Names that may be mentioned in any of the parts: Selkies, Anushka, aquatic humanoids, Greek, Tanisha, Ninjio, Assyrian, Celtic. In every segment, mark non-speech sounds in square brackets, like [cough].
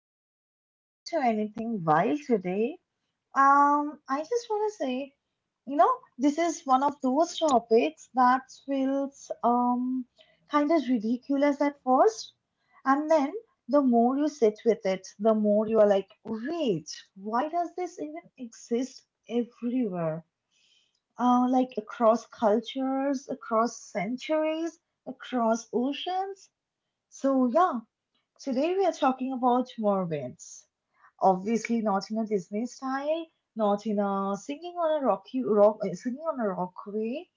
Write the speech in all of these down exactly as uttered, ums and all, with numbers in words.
before we jump into anything wild today, um, I just want to say, you know, this is one of those topics that feels um kind of ridiculous at first, and then the more you sit with it, the more you are like, wait, why does this even exist everywhere? Uh, like across cultures, across centuries, across oceans. So yeah, today we are talking about mermaids. Obviously, not in a Disney style, not in a singing on a rocky rock, uh, singing on a rock way.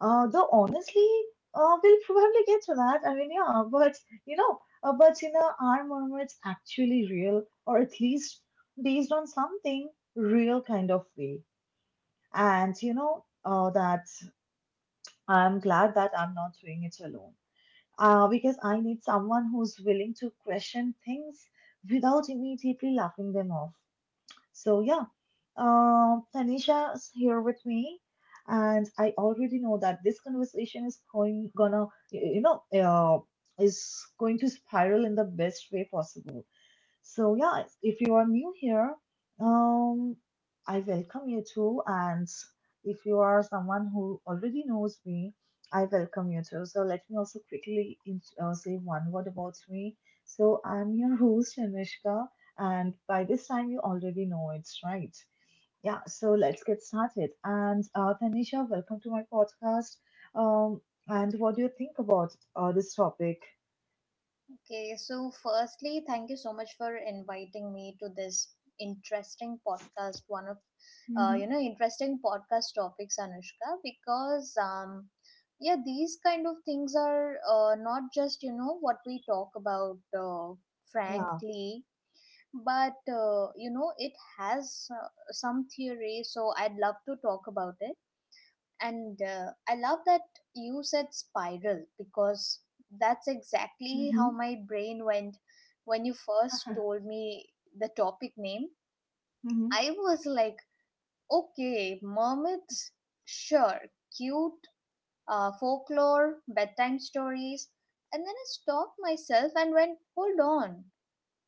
Uh, though honestly, uh, we'll probably get to that. I mean, yeah, but you know, uh, but you know, are mermaids actually real, or at least based on something real kind of way? And you know, uh, that I'm glad that I'm not doing it alone, uh, because I need someone who's willing to question things without immediately laughing them off. So, yeah, uh, Tanisha is here with me, and I already know that this conversation is going gonna, you know, uh, is going to spiral in the best way possible. So yeah, if you are new here, um, I welcome you too. And if you are someone who already knows me, I welcome you too. So let me also quickly in- uh, say one word about me. So I'm your host, Anushka, and by this time you already know it, right? Yeah. So let's get started. And uh, Tanisha, welcome to my podcast. Um, and what do you think about uh, this topic? Okay, so firstly, thank you so much for inviting me to this interesting podcast, one of uh, Mm-hmm. you know, interesting podcast topics, Anushka, because um yeah, these kind of things are uh, not just, you know, what we talk about uh, Yeah. frankly, but uh, you know, it has uh, some theory, so I'd love to talk about it and uh, i love that you said spiral because that's exactly Mm-hmm. how [laughs] my brain went when you first told me the topic name. Mm-hmm. I was like, okay, mermaids, sure, cute, uh, folklore bedtime stories, and then I stopped myself and went, hold on,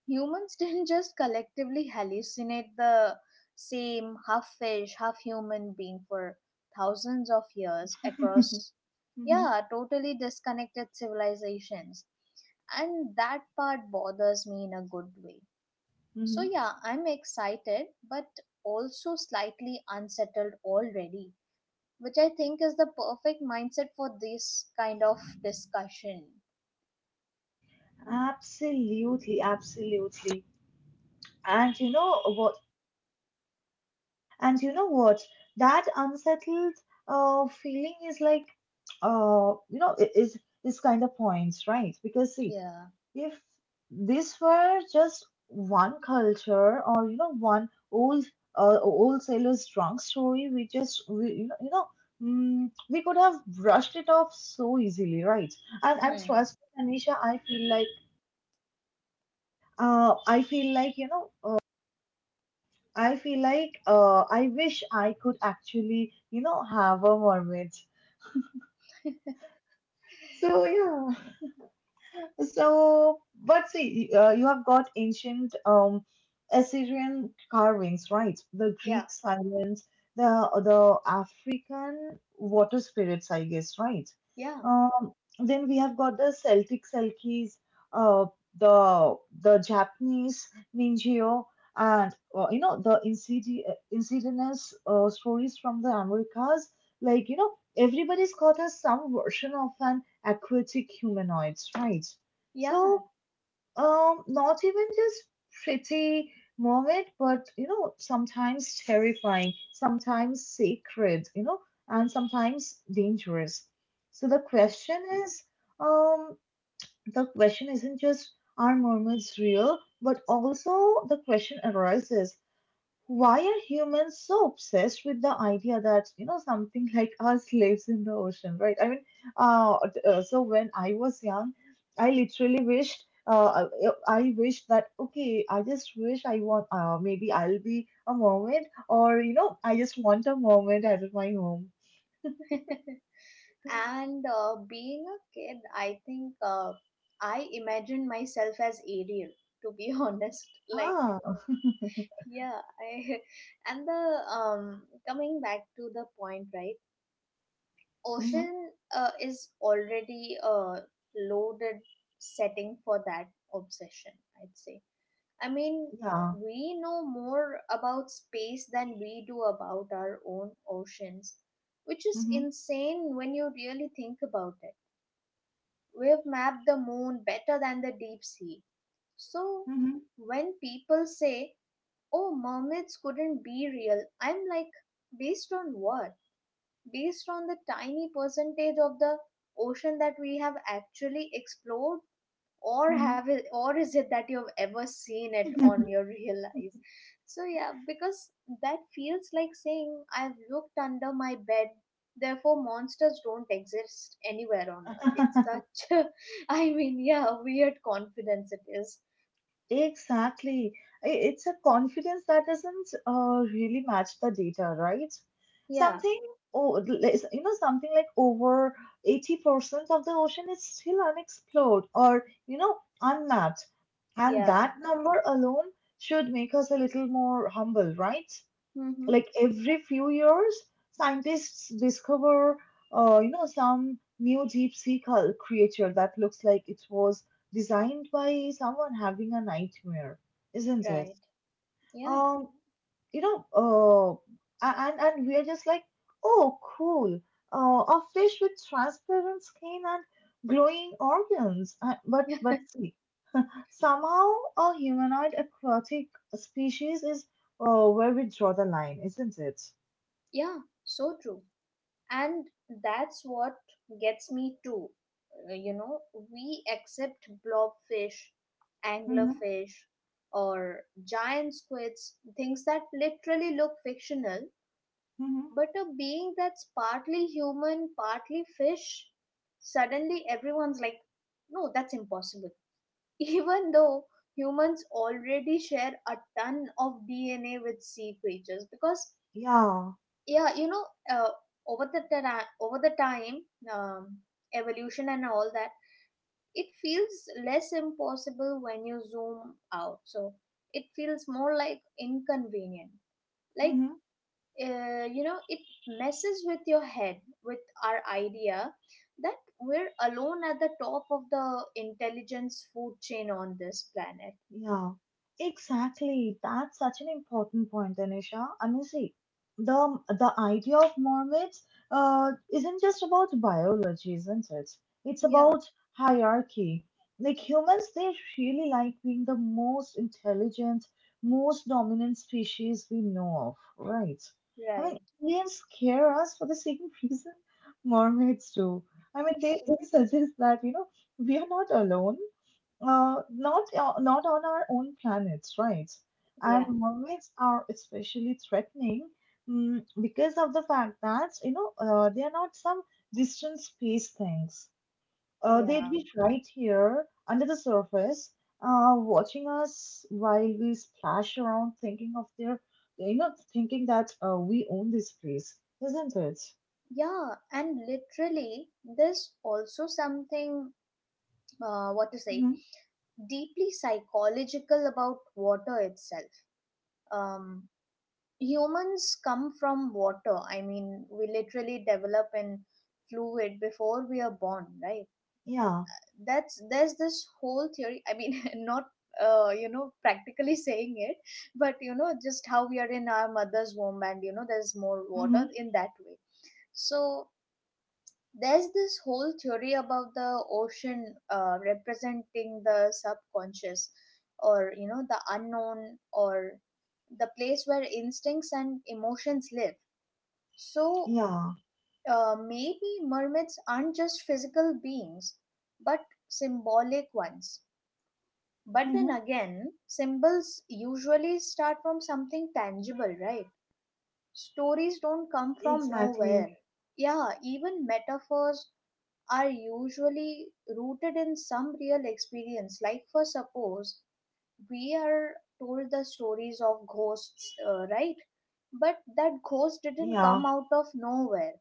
humans [laughs] didn't just collectively hallucinate the same half fish, half human being for thousands of years [laughs] across, Hmm. yeah, totally disconnected civilizations. And that part bothers me in a good way. So, Hmm. yeah, I'm excited, but also slightly unsettled already, which I think is the perfect mindset for this kind of discussion. Absolutely, absolutely. And you know what? And you know what? That unsettled uh feeling is like uh you know i- is is kind of points, right? Because see, Yeah. if this were just one culture or you know one old uh old sailor's drunk story, we just we you know you know. Mm, we could have brushed it off so easily, right? And and Hmm. trust me, Anisha, I feel like uh, I feel like you know I feel like uh, I wish I could actually, you know, have a mermaid. So yeah, so, but see, uh, you have got ancient um, Assyrian carvings, right? The Yeah. Greek silence, the the African water spirits, I guess, right? Yeah. Um, then we have got the Celtic Selkies, uh, the the Japanese Ninjio, and uh, you know the incidi- uh, insidious uh, stories from the Americas. Like you know, everybody's got us some version of an aquatic humanoids, right? Yeah. So, um, not even just pretty moment, but you know, sometimes terrifying, sometimes sacred, you know, and sometimes dangerous. So the Hmm. question is, um, the question isn't just are mermaids real, but also the question arises why are humans so obsessed with the idea that you know something [laughs] like us lives in the ocean, right? I mean, uh, d- uh, so when I was young, I literally wished, uh, I I wished that okay, I just wish I want, uh, maybe I'll be a mermaid, or you know, I just want a mermaid at my home. [laughs] And uh, being a kid, I think uh, I imagined myself as Ariel, to be [laughs] honest. Like, Ah, yeah, I [laughs] and the um coming back to the point, right? mm-hmm. Ocean uh, is already a loaded setting for that obsession, I'd say. I mean, Yeah, we know more about space than we do about our own oceans, which is mm-hmm. insane when you really think about it. We've mapped the moon better than the deep sea. So Mm-hmm. when people say, oh, mermaids couldn't be real, I'm like, based on what? Based on the tiny percentage of the ocean that we have actually explored? Or Mm-hmm. have it, or is it that you've ever seen it on your [laughs] real life? So yeah, because that feels like saying I've looked under my bed, therefore monsters don't exist anywhere on earth. [laughs] It's such a [laughs] I mean, yeah, weird confidence it is. Exactly. I- It's a confidence that doesn't uh, really match the data, right? Yeah, Something, oh, less- you know, something like over eighty percent of the ocean is still unexplored or, you know, unmapped. And yeah. that number alone should make us a little more humble, right? Mm-hmm. Like every few years scientists discover uh, you know some new deep sea cul- creature that looks like it was designed by someone having a nightmare, isn't it? Right. Yeah. Um you know uh, a- and and we are just like, oh cool, uh, a fish with transparent skin and glowing organs. Uh, but [laughs] but see somehow a humanoid aquatic species is uh, where we draw the line, isn't it? Yeah, so true. And that's what gets me too. Uh, you know, we accept blobfish, Hı hı. anglerfish, or giant squids, things that literally look fictional, Hı hı. but a being that's partly human, partly fish, suddenly everyone's like, no, that's impossible. [laughs] Even though humans already share a ton of DNA with sea creatures because Ya. yeah, you know, uh, over the tera- over the time, um, evolution and all that, it feels less impossible when you zoom out. So it feels more like inconvenient, Hı like hı. uh, you know, it messes with your head with our idea that we're alone at the top of the intelligence food chain on this planet. Yeah, exactly. That's such an important point, Anisha. I mean, see, the the idea of mermaids uh, isn't just about biology, isn't it? It's Yeah. about hierarchy. Like humans, they really like being the most intelligent, most dominant species we know of, right? I mean, Right. aliens scare us for the same [laughs] reason mermaids do. I mean, they, they suggest that, you know, we are not alone, uh, not uh, not on our own planets, right? And Yeah. mermaids are especially threatening mm, because of the fact that you know uh, they are not some distant space things. Uh, they'd Yeah. be right here under the surface, uh, watching us while we splash around, thinking of their you know thinking that uh, we own this place, isn't it? Yeah, and literally there's also something uh, what to say Hmm. deeply psychological about water itself. Um, humans come from water. I mean, we literally develop in fluid before we are born, right? Yeah. That's, there's this whole theory, I mean, [laughs] not uh, you know, practically saying it, but you know, just how we are in our mother's womb and you know there's more Hmm. water in that way. So there's this whole theory about the ocean uh, representing the subconscious, or you know, the unknown, or the place where instincts and emotions live. So Yeah. uh, maybe mermaids aren't just physical beings, but symbolic ones. But then Hmm. again, symbols usually start from something tangible, right? Stories don't come from nowhere. Exactly. Yeah, even metaphors are usually rooted in some real experience. Like, for suppose we are told the stories of ghosts, uh, right? But that ghost didn't Yeah. come out of nowhere.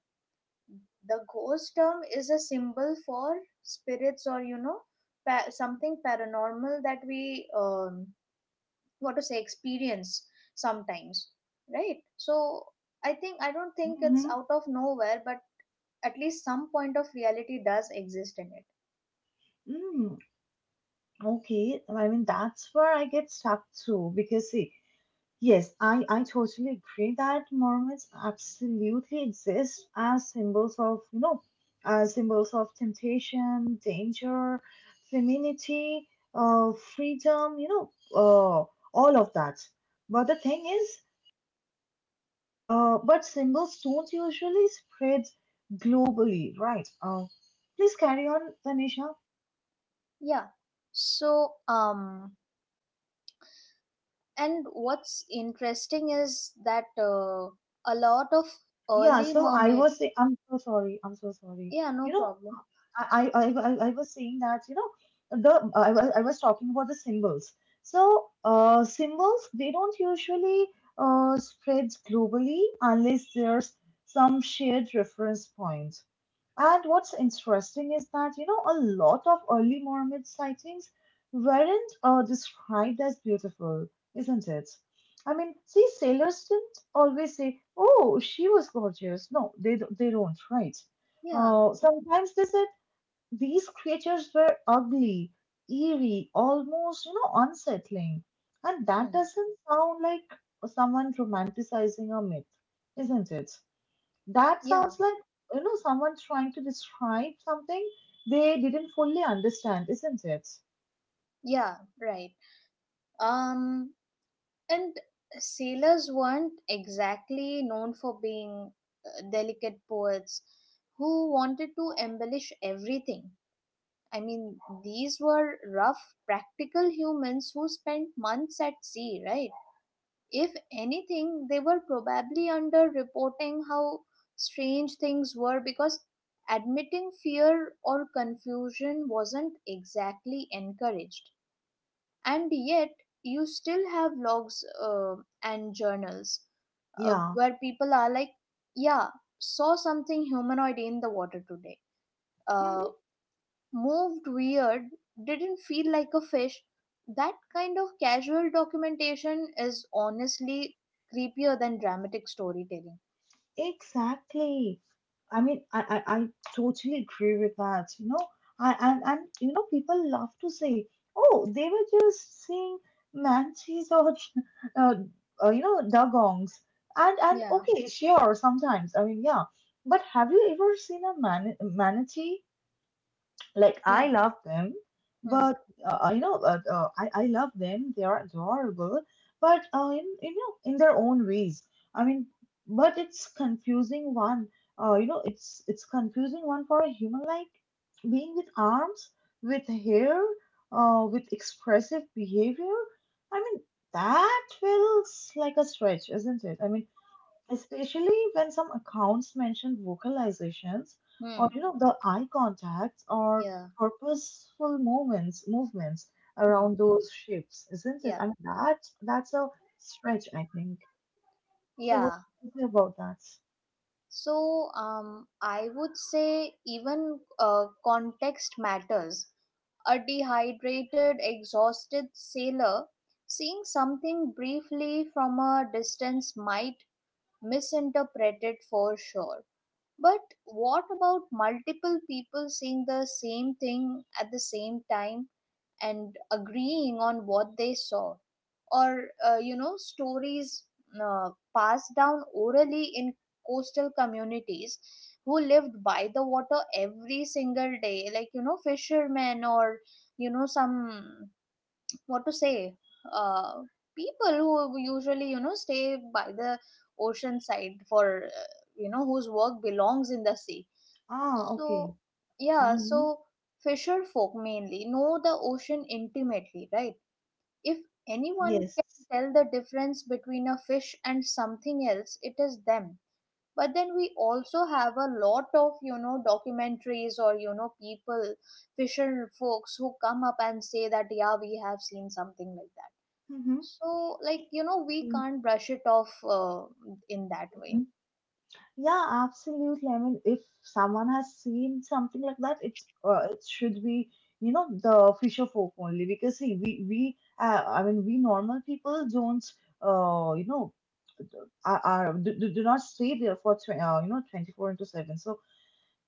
The ghost term is a symbol for spirits, or, you know, pa- something paranormal that we, um, what to say, experience sometimes, right? So, I think, I don't think it's Mm-hmm. out of nowhere, but at least some point of reality does exist in it. Mm. Okay, I mean that's where I get stuck too because see, yes, I I totally agree that mermaids absolutely exist as symbols of you know, as symbols of temptation, danger, femininity, uh, freedom, you know, uh, all of that. But the thing is, uh, but symbols don't usually spread globally, right? Uh, please carry on, Tanisha. Yeah. So, um, and what's interesting is that uh, a lot of Yeah, early so I mermaid. was say I'm so sorry. I'm so sorry. Yeah, no You know, problem. I, I, I, I was saying that, you know, the I was, I was talking about the symbols. So, uh, symbols, they don't usually uh, spread globally unless there's some shared reference point. And what's interesting is that, you know, a lot of early Mormon sightings weren't uh, described as beautiful, isn't it? I mean, see, sailors didn't always say, oh, she was gorgeous. No, they, don't- they don't, right? Yeah. Uh, sometimes they said, these creatures were ugly, eerie, almost, you know, unsettling. And that Hmm. doesn't sound like someone romanticizing a myth, isn't it? That Yeah. sounds like, you know, someone trying to describe something they didn't fully understand, isn't it? Yeah. Right. Um, and sailors weren't exactly known for being uh, delicate poets who wanted to embellish everything. I mean, these were rough, practical humans who spent months at sea, right? If anything, they were probably under reporting how strange things were because admitting fear or confusion wasn't exactly encouraged, and yet you still have logs uh, and journals uh, Yeah. where people are like, yeah, saw something humanoid in the water today, uh, Hmm. moved weird, didn't feel like a fish. That kind of casual documentation is honestly creepier than dramatic storytelling. Exactly. I mean, I, I, I totally agree with that, you know. I, and, and, you know, people love to say, oh, they were just seeing manchis or, [laughs] uh, uh, you know, dugongs. And, and Yeah. okay, sure, sometimes. I mean, yeah. But have you ever seen a man manatee? Like Yeah. I love them, Hmm. but uh, you know, uh, uh, I I love them. They are adorable, but uh, in you know, in their own ways. I mean, but it's confusing one. Uh, you know, it's it's confusing one for a human like being with arms, with hair, uh, with expressive behavior. I mean, that feels like a stretch, isn't it? I mean, especially when some accounts mention vocalizations or Hmm. you know the eye contacts or Yeah. purposeful movements movements around Hmm. those shapes, isn't it? Yeah. I mean that that's a stretch, I think. So what Yeah. do you think about that? So um, I would say even uh, context matters. A dehydrated, exhausted sailor seeing something briefly from a distance might misinterpret it for sure. But what about multiple people seeing the same thing at the same time and agreeing on what they saw? Or uh, you know, stories uh, passed down orally in coastal communities who lived by the water every single day, like, you know, fishermen, or you know, some, what to say, uh, people who usually, you know, stay by the ocean side for uh, you know, whose work belongs in the sea. Ah, okay. So, yeah, Hmm. so fisher folk mainly know the ocean intimately, right? If anyone Yes. can tell the difference between a fish and something else, it is them. But then we also have a lot of, you know, documentaries or, you know, people, fisher folks who come up and say that, yeah, we have seen something like that. Mm-hmm. So, like, you know, we can't brush it off uh, in that way. Yeah, absolutely. I mean, if someone has seen something like that, it's uh, it should be you know the fisher folk only because see we we uh, I mean we normal people don't uh you know uh, are, are do, do do not stay there for tw- uh, you know twenty-four into seven, so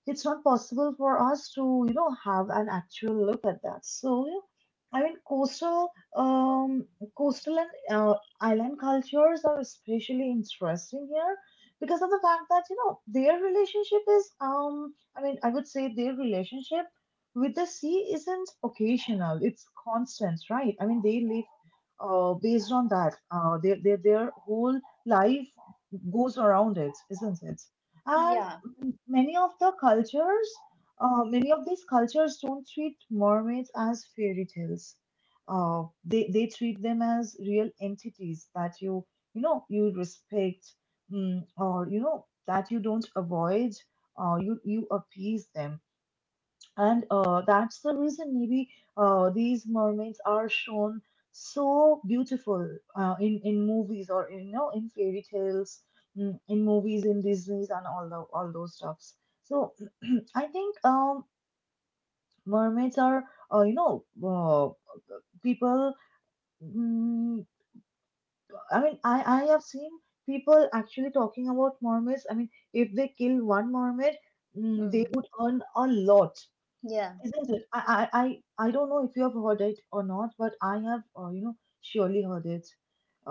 it's not possible for us to you know have an actual look at that, so you know, I mean coastal um coastal and uh, island cultures are especially interesting here because of the fact that you know their relationship is um I mean I would say their relationship with the sea isn't occasional, it's constant, right? I mean they live uh, based on that, uh, their, their their whole life goes around it, isn't it? And Yeah. many of the cultures, uh, many of these cultures don't treat mermaids as fairy tales. Uh, they they treat them as real entities that you you know you respect, mm, or you know that you don't avoid. Uh, you you appease them. And uh, that's the reason maybe uh, these mermaids are shown so beautiful, uh, in in movies or you know in fairy tales, mm, in movies in Disney's and all the all those stuffs. So [clears throat] I think um, mermaids are uh, you know uh, people. Mm, I mean I I have seen people actually talking about mermaids. I mean if they kill one mermaid, mm, they Hmm. would earn a lot. Yeah. Isn't it? I, I, I I don't know if you have heard it or not, but I have, uh, you know, surely heard it.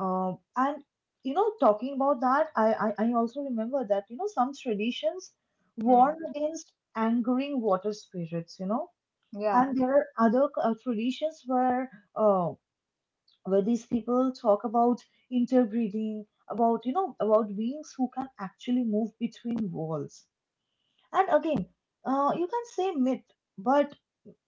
Um, and, you know, talking about that, I, I, I also remember that, you know, some traditions Hmm. warn against angering water spirits, you know, Yeah. and there are other uh, traditions where, uh, where these people talk about interbreeding, about, you know, about beings who can actually move between worlds. And again, uh, you can say myth, but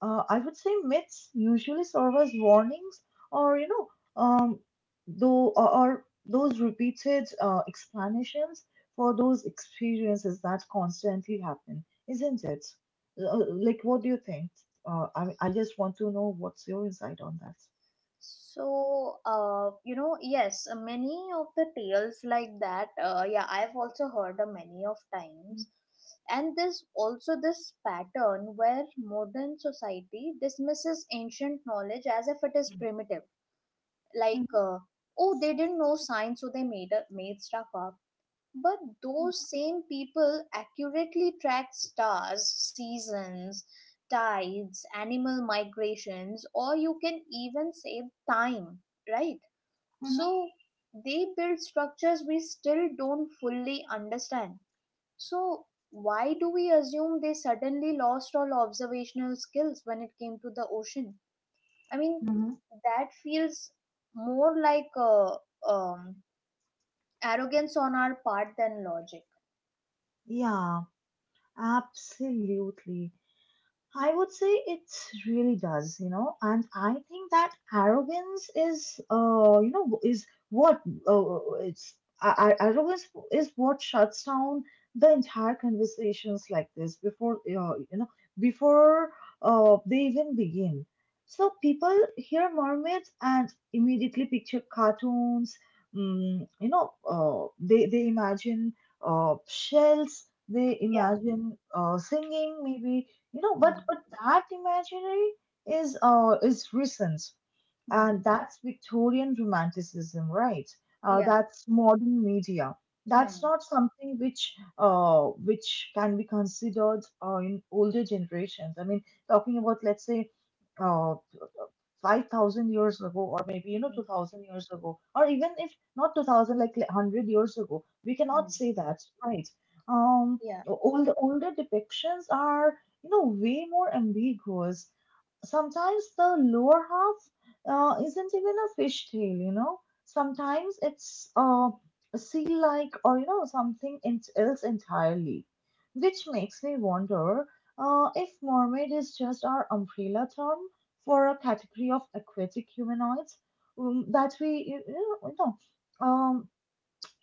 uh, I would say myths usually serve as warnings, or you know, um, though or, or those repeated uh, explanations for those experiences that constantly happen, isn't it? Uh, like, what do you think? Uh, I I just want to know what's your insight on that. So, uh, you know, yes, uh, many of the tales like that, uh, yeah, I've also heard uh, many of Mhm, times. And there's also this pattern where modern society dismisses ancient knowledge as if it is primitive. Like, mhm, uh, oh, they didn't know science, so they made, up- made stuff up, but those same people accurately track stars, seasons, tides, animal migrations, or you can even save time, right? mhm, So they build structures we still don't fully understand. So why do we assume they suddenly lost all observational skills when it came to the ocean? I mean, mhm. that feels more like uh um, arrogance on our part than logic. Yeah, absolutely. I would say it really does, you know, and I think that arrogance is, uh, you know, is what uh, it's I, I, arrogance is what shuts down the entire conversations like this before, uh, you know, before uh, they even begin. So people hear mermaids and immediately picture cartoons. Mm, you know, uh, they they imagine uh, shells. They Yeah. imagine uh, singing, maybe you know, but Hmm. but that imaginary is uh is recent, Hmm. and that's Victorian romanticism, right? uh, Yeah. That's modern media, that's Hmm. not something which uh which can be considered uh, in older generations. I mean, talking about let's say uh five thousand years ago, or maybe, you know, Hmm. two thousand years ago, or even if not two thousand, like like one hundred years ago, we cannot Hmm. say that, right? Um, Yeah. old, older depictions are, you know, way more ambiguous. Sometimes the lower half uh, isn't even a fish tail, you know. Sometimes it's uh, a sea-like, or you know, something ent- else entirely, which makes me wonder uh, if mermaid is just our umbrella term for a category of aquatic humanoids, um, that we you know, you know um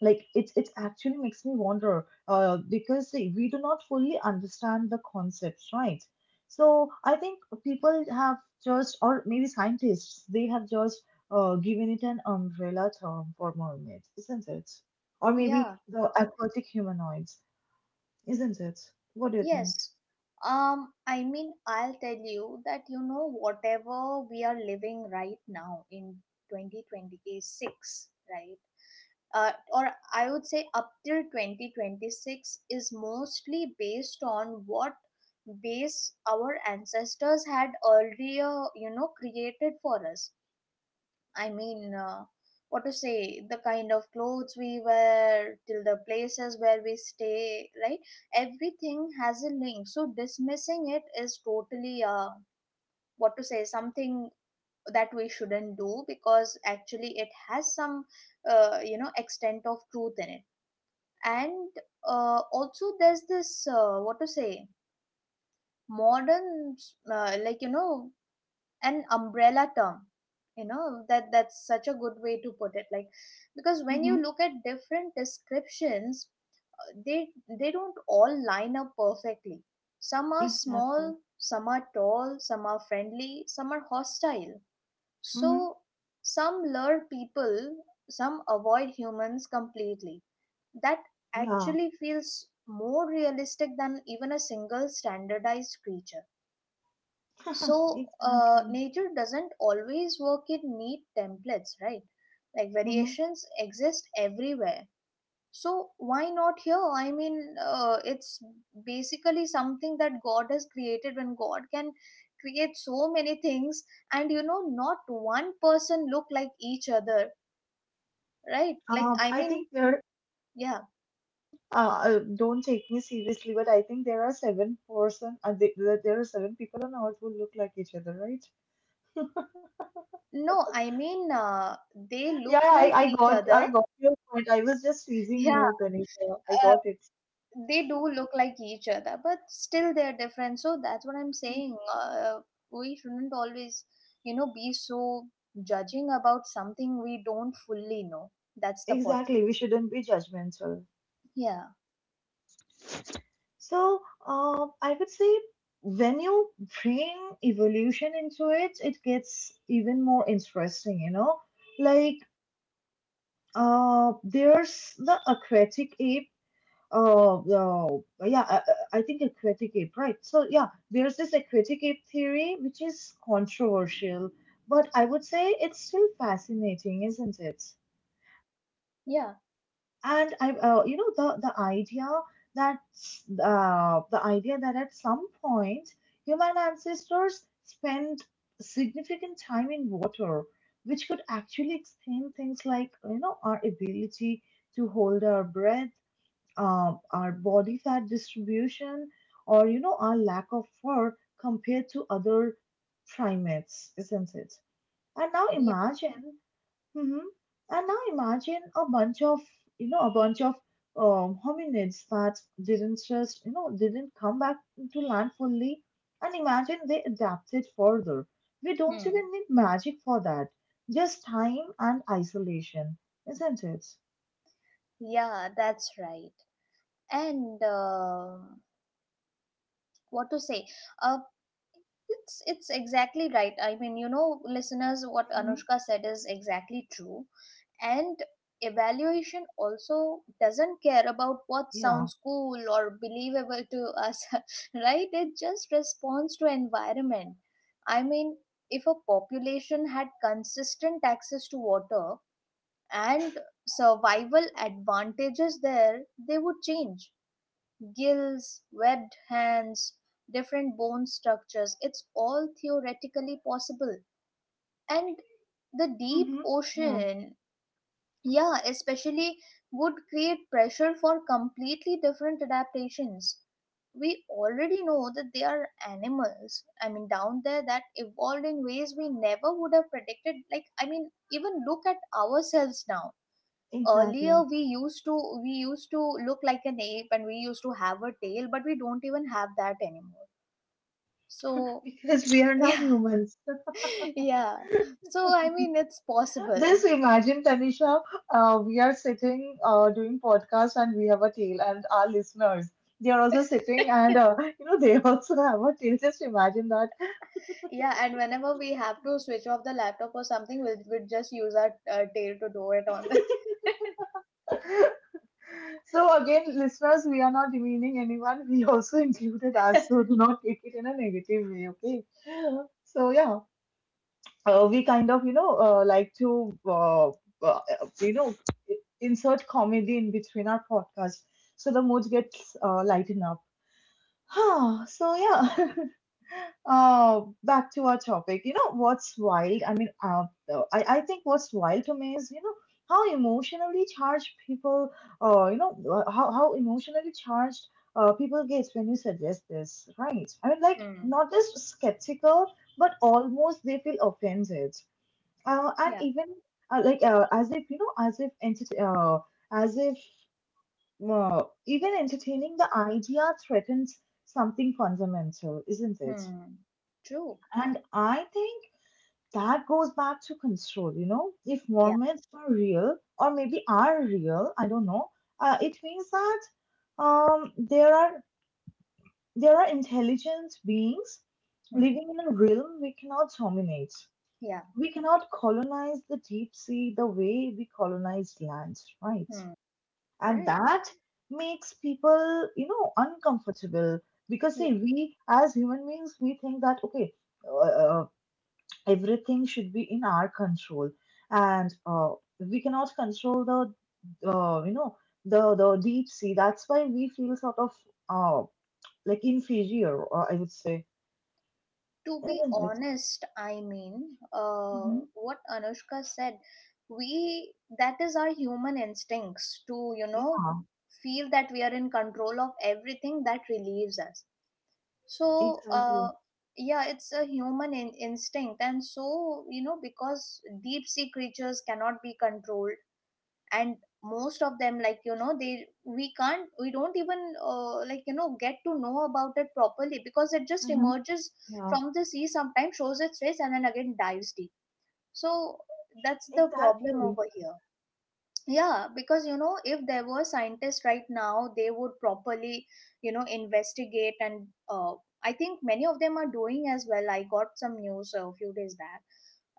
like it it actually makes me wonder uh because see, we do not fully understand the concepts, right? So I think people have just, or maybe scientists, they have just uh, given it an umbrella term for mermaids, isn't it? Or maybe Yeah. the aquatic humanoids, isn't it? What do you think? Yes. Um, I mean, I'll tell you that, you know, whatever we are living right now in twenty twenty-six, right? Uh, or I would say up till twenty twenty-six is mostly based on what base our ancestors had earlier, you know, created for us. I mean, uh, what to say, the kind of clothes we wear, till the places where we stay, right? Everything has a link. So dismissing it is totally, uh, what to say, something that we shouldn't do because actually it has some, uh, you know, extent of truth in it. And uh, also there's this, uh, what to say, modern, uh, like, you know, an umbrella term. You know, that, that's such a good way to put it, like, because when you Mm-hmm. look at different descriptions, uh, they they don't all line up perfectly. Some are Exactly. small, some are tall, some are friendly, some are hostile. Mm-hmm. So some lure people, some avoid humans completely. That Yeah, actually feels more realistic than even a single standardized creature. [laughs] So uh, exactly. nature doesn't always work in neat templates, right? Like Mm-hmm. variations exist everywhere. So why not here? I mean, uh, it's basically something that god has created. When god can create so many things, and you know, not one person look like each other, right? Like, Um, I I mean, think there. yeah, Uh, uh, don't take me seriously, but I think there are seven person. Uh, th- th- there are seven people on Earth who look like each other, right? no, I mean, uh, they Yeah, look I, like I each got, I other. got your point. I was just [laughs] teasing Yeah, you, Tanisha. I uh, got it. they do look like each other, but still they're different. So that's what I'm saying, uh, we shouldn't always, you know, be so judging about something we don't fully know. That's the point. Exactly. We shouldn't be judgmental. Yeah. So, um, I would say, when you bring evolution into it, it gets even more interesting, you know? Like, uh, there's the aquatic ape. Oh no, but yeah, I, I I think a critic ape, right? So yeah, there's this a critic ape theory which is controversial, but I would say it's still fascinating, isn't it? Yeah. And I, uh, you know, the the idea that uh, the idea that at some point human ancestors spent significant time in water, which could actually explain things like, you know, our ability to hold our breath, um, our body fat distribution, or you know, our lack of fur compared to other primates, isn't it? and now Yeah. imagine mhm, and now imagine a bunch of, you know, a bunch of, um, hominids that didn't just, you know, didn't come back to land fully, and imagine they adapted further. We don't Hmm. even need magic for that, just time and isolation, isn't it? Yeah, that's right. And um, what to say, uh, it's it's exactly right. I mean, you know, listeners, what Hmm. Anushka said is exactly true. And evaluation also doesn't care about what Yeah. sounds cool or believable to us. [laughs] Right, it just responds to environment. I mean, if a population had consistent access to water and survival advantages there, they would change. Gills, webbed hands, different bone structures. It's all theoretically possible. And the deep Hmm. ocean, yeah, especially would create pressure for completely different adaptations. We already know that they are animals, I mean, down there, that evolved in ways we never would have predicted. Like, I mean, even look at ourselves now. Earlier Exactly. we used to we used to look like an ape and we used to have a tail, but we don't even have that anymore. So Because we are [laughs] now yeah. humans. Yeah, so I mean, it's possible. Just imagine, Tanisha, uh, we are sitting uh, doing podcast and we have a tail, and our listeners, they are also sitting and uh, [laughs] you know, they [laughs] also have a tail. Just imagine that. [laughs] Yeah, and whenever we have to switch off the laptop or something, we'll, we'll just use our uh, tail to do it on the So again, listeners, we are not demeaning anyone. We also [laughs] included us, so do not take it in a negative way. Okay. So yeah. Uh, we kind of, you know, uh, like to uh, uh, you know, insert comedy in between our podcast, so the mood gets uh, lighten up, huh? So yeah, [laughs] uh back to our topic. You know what's wild? I mean uh, uh, I I think what's wild to me is, you know, how emotionally charged people, uh you know uh, how, how emotionally charged uh, people get when you suggest this, right? I mean, [laughs] like, hmm. not just skeptical, but almost they feel offended, uh, and Yeah. even uh, like uh, as if you know, as if enter- uh, as if uh, even entertaining the idea threatens something fundamental, isn't it? Hmm. True. And I think that goes back to control. You know, if Yeah. Mormons were real, or maybe are real, I don't know. Uh, it means that, um, there are there are intelligent beings Hmm. living in a realm we cannot dominate. Yeah. We cannot colonize the deep sea the way we colonized lands, right? Hmm. And Right, that makes people, you know, uncomfortable, because see, we as human beings, we think that okay, uh, uh, everything should be in our control, and uh, we cannot control the, uh, you know, the the deep sea. That's why we feel sort of uh, like inferior, or I would say, to be isn't it? honest, I mean, uh, Hmm. what Anushka said, we- that is our human instincts, to you know Yeah, feel that we are in control of everything, that relieves us. So uh, exactly. yeah, it's a human in- instinct. And so, you know, because deep sea creatures cannot be controlled, and most of them, like you know, they we can't, we don't even uh, like you know get to know about it properly because it just Hmm. emerges from the sea, sometimes shows its face and then again dives deep. So that's the problem Exactly. over here. Yeah, because you know, if there were scientists right now, they would properly, you know, investigate. And uh, I think many of them are doing as well. I got some news a few days back,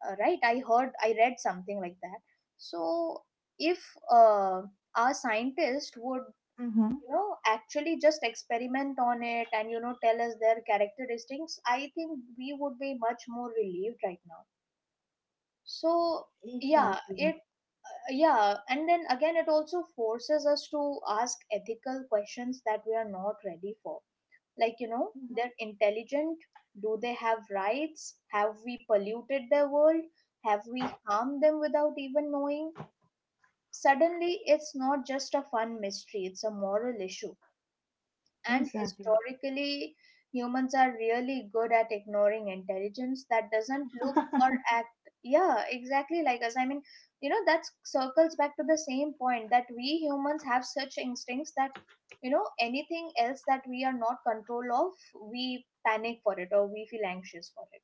uh, right, i heard I read something like that. So if uh, our scientists would, Mm-hmm. you know, actually just experiment on it and you know tell us their characteristics, I think we would be much more relieved right now. So yeah Exactly. it Yeah, and then again, it also forces us to ask ethical questions that we are not ready for, like you know, Mm-hmm. they're intelligent. Do they have rights? Have we polluted their world? Have we harmed them without even knowing? Suddenly it's not just a fun mystery, it's a moral issue. And Exactly. historically, humans are really good at ignoring intelligence that doesn't look or [laughs] act. Yeah, exactly like us. I mean, you know, that circles back to the same point that we humans have such instincts that, you know, anything else that we are not control of, we panic for it or we feel anxious for it.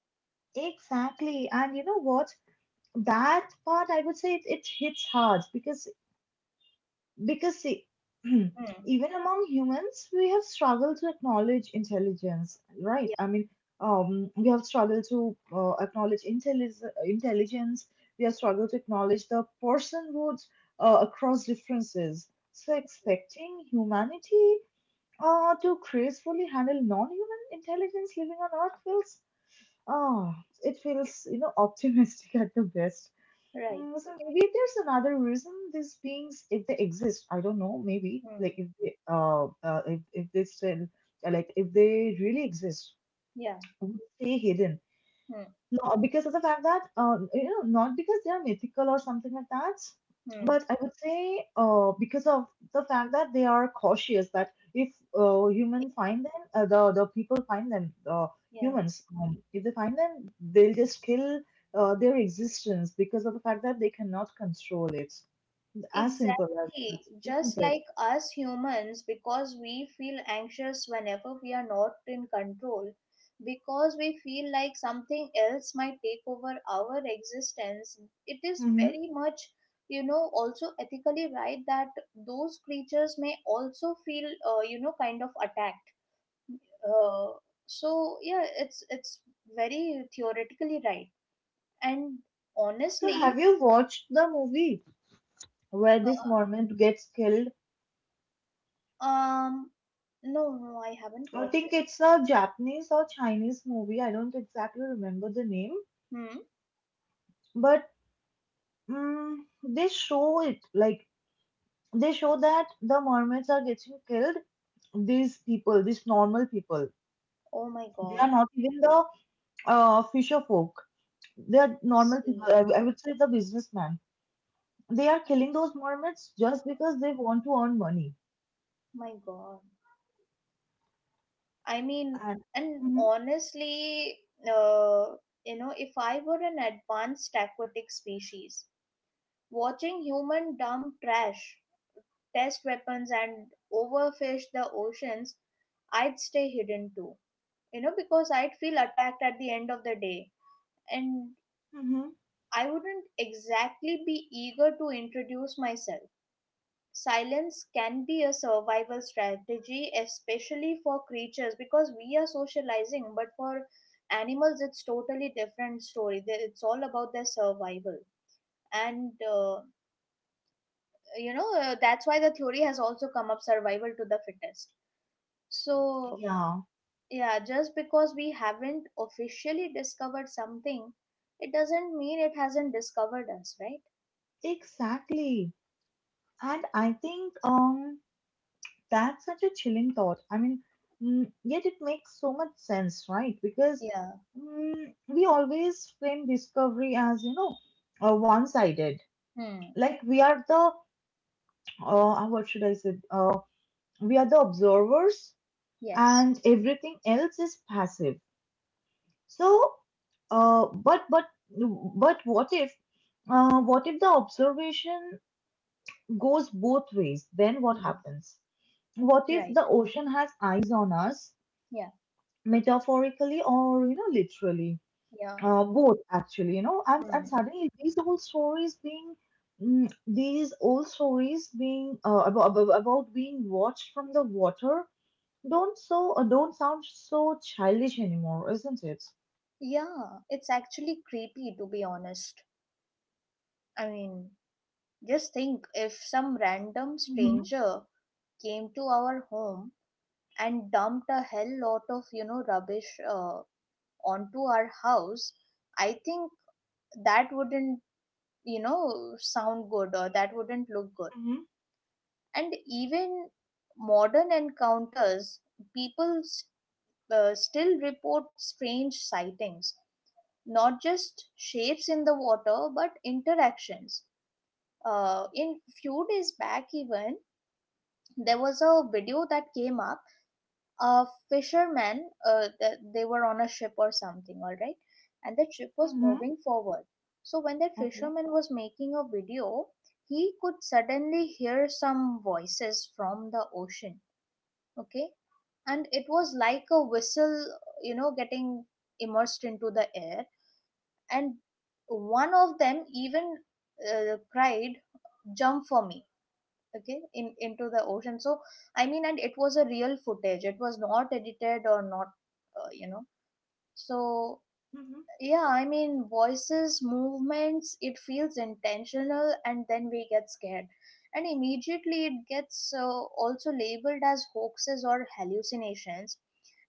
Exactly. And you know what? That part I would say, it, it hits hard because because see, [clears throat] Hmm. even among humans we have struggled to acknowledge intelligence, right? Yeah. I mean, um, we have struggled to uh, acknowledge intelli- intelligence. We have struggled to acknowledge the personhood uh, across differences. So expecting humanity Uh, to gracefully handle non-human intelligence living on Earth feels, ah, it feels, you know, optimistic [laughs] at the best. Right. Mm, so maybe there's another reason these beings, if they exist, I don't know, maybe Hmm. like if they, uh, uh if, if they still, like if they really exist, Yeah. would stay hidden, Hmm. no, because of the fact that, uh, you know, not because they are mythical or something like that, Hmm. but I would say uh, because of the fact that they are cautious, that if uh, human find them, uh, the the people find them, the Yeah. humans, um, if they find them, they'll just kill uh, their existence because of the fact that they cannot control it. As simple as that, Exactly, just isn't it? like us humans, because we feel anxious whenever we are not in control, because we feel like something else might take over our existence. It is Hmm. very much, you know, also ethically right that those creatures may also feel, uh, you know, kind of attacked. Uh, so yeah, it's it's very theoretically right, and So, honestly. have you watched the movie where this uh, mermaid gets killed? Um, no, no, I haven't I watched think it. it's a Japanese or Chinese movie. I don't exactly remember the name, Hmm. but mm, they show it like, they show that the mermaids are getting killed. These people, these normal people, Oh my they God. are not even the uh, fisher folk. They are I normal see. people. I, I would say the businessman. They are killing those mermaids just because they want to earn money. My God. I mean, And and hmm. honestly, uh, you know, if I were an advanced aquatic species, watching human dump trash, test weapons, and overfish the oceans, I'd stay hidden too. You know, because I'd feel attacked at the end of the day, and Hmm. I wouldn't exactly be eager to introduce myself. Silence can be a survival strategy, especially for creatures, because we are socializing, but for animals it's totally different story. They- it's all about their survival. And uh, you know uh, That's why the theory has also come up, survival to the fittest. So Yeah, yeah, just because we haven't officially discovered something, it doesn't mean it hasn't discovered us, right? exactly. And I think um. That's such a chilling thought. I mean, mm, yet it makes so much sense, right? Because Yeah. mm, we always frame discovery as, you know, uh, one-sided. Hmm. Like we are the, uh, uh, what should I say? Uh, we are the observers, Yes. and everything else is passive. So, uh, but but but what if, uh, what if the observation goes both ways? Then what Hmm. happens? What if Right. the ocean has eyes on us? Yeah. Metaphorically or, you know, literally, Yeah. uh, both, actually, you know, and, and Hmm. suddenly these old stories being, mm, these old stories being uh, about, about being watched from the water, don't so uh, don't sound so childish anymore, isn't it? Yeah, it's actually creepy to be honest. I mean, just think if some random Mm-hmm. stranger came to our home and dumped a hell lot of, you know, rubbish uh, onto our house, I think that wouldn't, you know, sound good or that wouldn't look good. Mm-hmm. And even modern encounters, people s- uh, still report strange sightings, not just shapes in the water, but interactions uh, in few days back even there was a video that came up. A fisherman, uh, that they were on a ship or something, all right, and the ship was Mm-hmm. moving forward. So when that Okay. fisherman was making a video, he could suddenly hear some voices from the ocean. Okay. And it was like a whistle, you know, getting immersed into the air. And one of them even uh, cried, jump for me, okay, in into the ocean. So I mean, and it was a real footage, it was not edited or not, uh, you know so. Mm-hmm. Yeah, I mean, voices, movements, it feels intentional, and then we get scared, and immediately it gets uh, also labeled as hoaxes or hallucinations.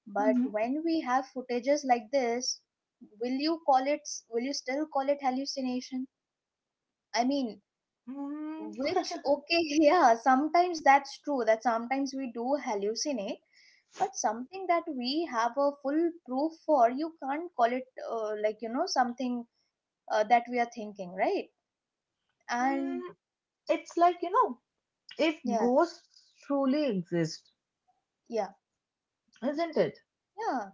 But Mm-hmm. when we have footages like this, will you call it will you still call it hallucination? I mean, Mm. which, [laughs] okay, yeah, sometimes that's true that sometimes we do hallucinate, but something that we have a full proof for, you can't call it uh, like, you know, something uh, that we are thinking, right? And Mm, it's like, you know, if yeah, ghosts truly exist, yeah, isn't it? yeah,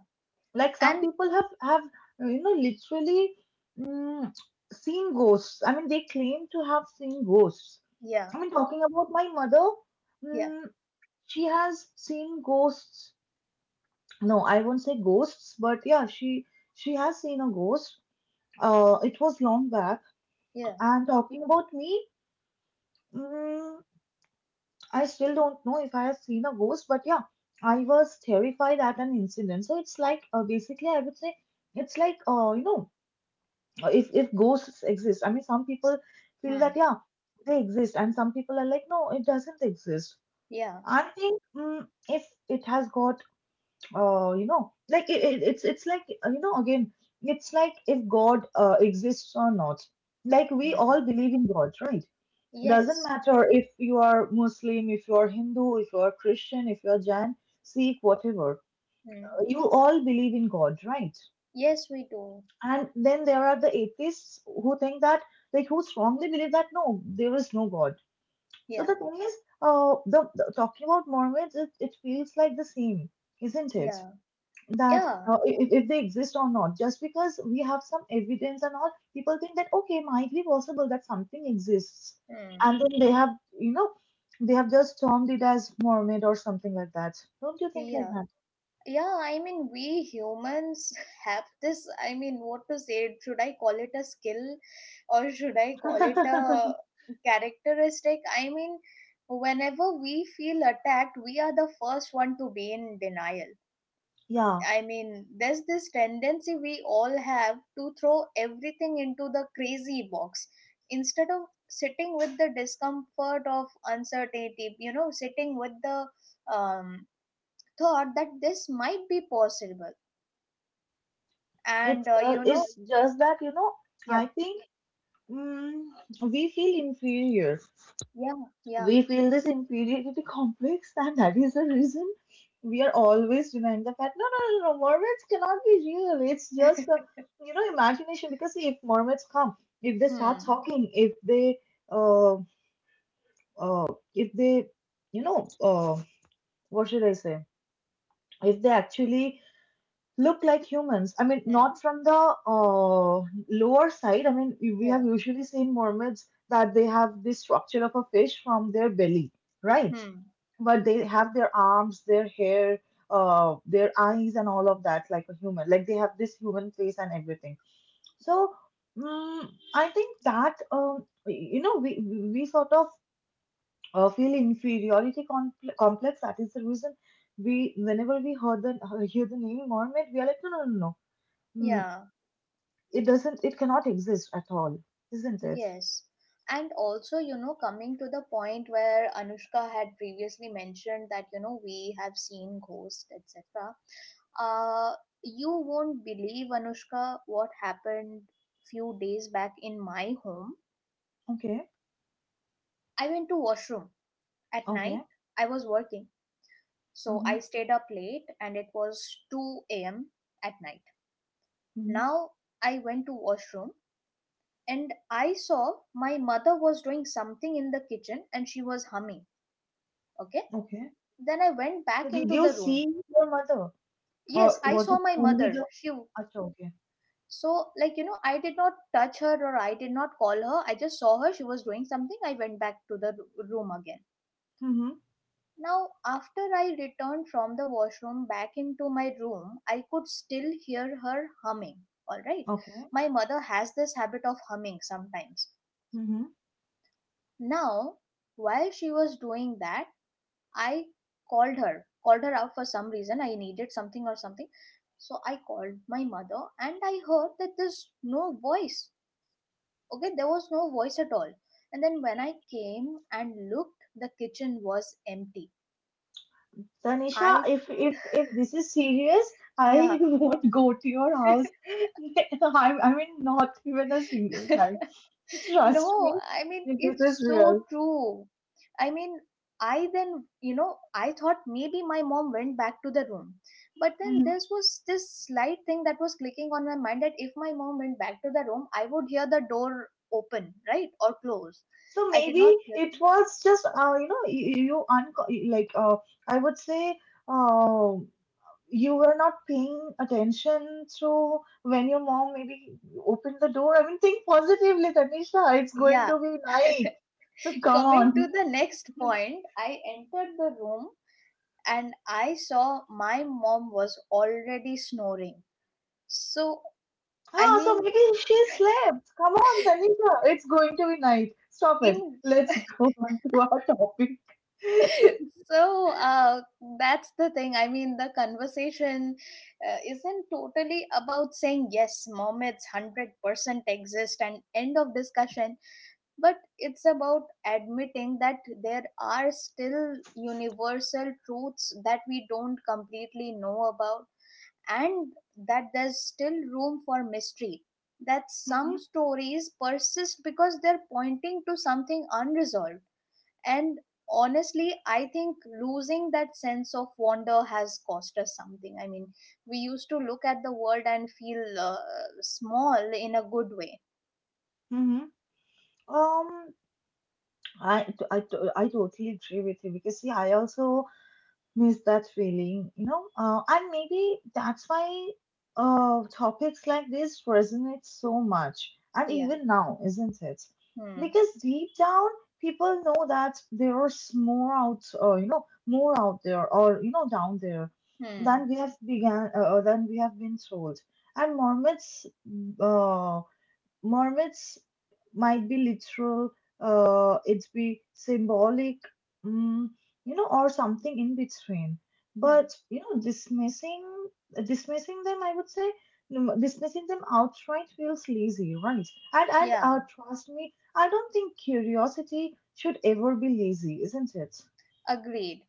Like some and people have have uh, you know, literally, mm, seen ghosts. I mean, they claim to have seen ghosts. yeah, I mean, talking about my mother, yeah, mm, she has seen ghosts. No, I won't say ghosts, but yeah, she she has seen a ghost. Uh it was long back. yeah, And talking about me, mm, I still don't know if I have seen a ghost, but yeah, I was terrified at an incident. So it's like, uh, basically I would say, it's like, uh, you know, uh, if if ghosts exist, I mean, some people feel that hmm, yeah, they exist, and some people are like, no, it doesn't exist. yeah, I think, mm, if it has got uh, you know, like it, it, it's it's like, uh, you know, again, it's like if god uh, exists or not. Like we all hmm, believe in god, right? Doesn't yes, matter if you are Muslim, if you are Hindu, if you are Christian, if you are Jain, Sikh, whatever, hmm, you all believe in god, right? yes, we do, And then there are the atheists who think that, like, who strongly believe that no, there is no God. So yeah, the thing is, uh, the, the- talking about Mormons, it, it feels like the same, isn't it? yeah, That yeah, uh, if, if they exist or not, just because we have some evidence and all, people think that okay, might be possible that something exists, and hmm, then they have, you know, they have just termed it as Mormon or something like that. Don't you think like yeah. that? Yeah, I mean, we humans [laughs] have this. I mean, what to say? Should I call it a skill or should I call it a [laughs] characteristic? I mean, whenever we feel attacked, we are the first one to be in denial. Yeah, I mean, there's this tendency we all have to throw everything into the crazy box instead of sitting with the discomfort of uncertainty, you know, sitting with the um, thought that this might be possible, and it's uh, uh, you know, it's just that you know, yeah, I think mm, we feel inferior. yeah, yeah. We feel this inferiority complex, and that is the reason we are always denying the fact. No, no, no, no. Mermaids cannot be real. It's just uh, you know, imagination. Because see, if mermaids come, if they start Hmm, talking, if they uh, uh if they you know uh what should I say? If they actually look like humans. I mean, hmm, not from the uh, lower side. I mean, we we have yeah, usually seen mermaids that they have the structure of a fish from their belly, right? hmm, But they have their arms, their hair, uh, their eyes, and all of that, like a human. Like they have this human face and everything. So, mm I think that um, you know, we we sort of uh, feel inferiority compl- complex. That is the reason we, whenever we heard the hear the name mermaid, we are like, no, no, no, no no. Mm, yeah, it doesn't, it cannot exist at all, isn't it? yes. And also, you know, coming to the point where Anushka had previously mentioned that, you know, we have seen ghosts, et cetera. Uh, you won't believe, Anushka, what happened few days back in my home. Okay, I went to washroom at okay. night. I was working. So Mm-hmm, I stayed up late and it was two a m at night. mm-hmm, Now I went to washroom, and I saw my mother was doing something in the kitchen and she was humming. Okay. okay. Then I went So back did into you the room. see your mother, or Yes, I was saw it my only the? mother. She Acha, okay. So like, you know, I did not touch her or I did not call her. I just saw her. She was doing something. I went back to the r- room again. Mm-hmm, Now after I returned from the washroom back into my room, I could still hear her humming. All right. okay. My mother has this habit of humming sometimes. Mm-hmm. Now, while she was doing that, I called her, called her out for some reason. I needed something or something. So I called my mother and I heard that there's no voice. Okay, there was no voice at all. And then when I came and looked, the kitchen was empty. Tanisha, I, if if if this is serious, I yeah. [laughs] won't go to your house. [laughs] I I mean, not even a single time. [laughs] [laughs] Trust No, me, I mean, if this it's is so real. true. I mean, I then, you know, I thought maybe my mom went back to the room. But then Mm-hmm. this was this slight thing that was clicking on my mind that if my mom went back to the room, I would hear the door open, right? Or close. So I did not maybe hear. it was just uh, you know you, you unco- like uh, I would say uh, you were not paying attention to when your mom maybe opened the door. I mean think positively, Tanisha. It's going to Yeah. be night. So [laughs] come Coming to on. the next [laughs] point, I entered the room and I saw my mom was already snoring. So, I Ah, so mean, maybe she slept. Come on, [laughs] Tanisha. It's going to be night. Stop it. in Let's [laughs] go on to our topic. so uh, that's the thing. I mean, the conversation uh, isn't totally about saying yes, mermaids one hundred percent exist and end of discussion, but it's about admitting that there are still universal truths that we don't completely know about, and that there's still room for mystery, that some [laughs] stories persist because they're pointing to something unresolved. And honestly, I think losing that sense of wonder has cost us something. I mean, we used to look at the world and feel uh, small in a good way. Mm-hmm. Um, I I I totally agree with you because see, I also miss that feeling, you know, uh, and maybe that's why uh, topics like this resonate so much, and Yeah. even now, isn't it? Hmm. Because deep down, people know that there is more out, uh, you know, more out there, or you know, down there, than Hmm. we have began, uh, than we have been told. And Mormons, uh, Mermaids might be literal, uh, it's be symbolic, mm, you know, or something in between. Hmm. But you know, dismissing dismissing them, I would say, mm, dismissing them outright feels lazy, right? And and uh, Yeah. trust me, I don't think curiosity should ever be lazy, isn't it? Agreed.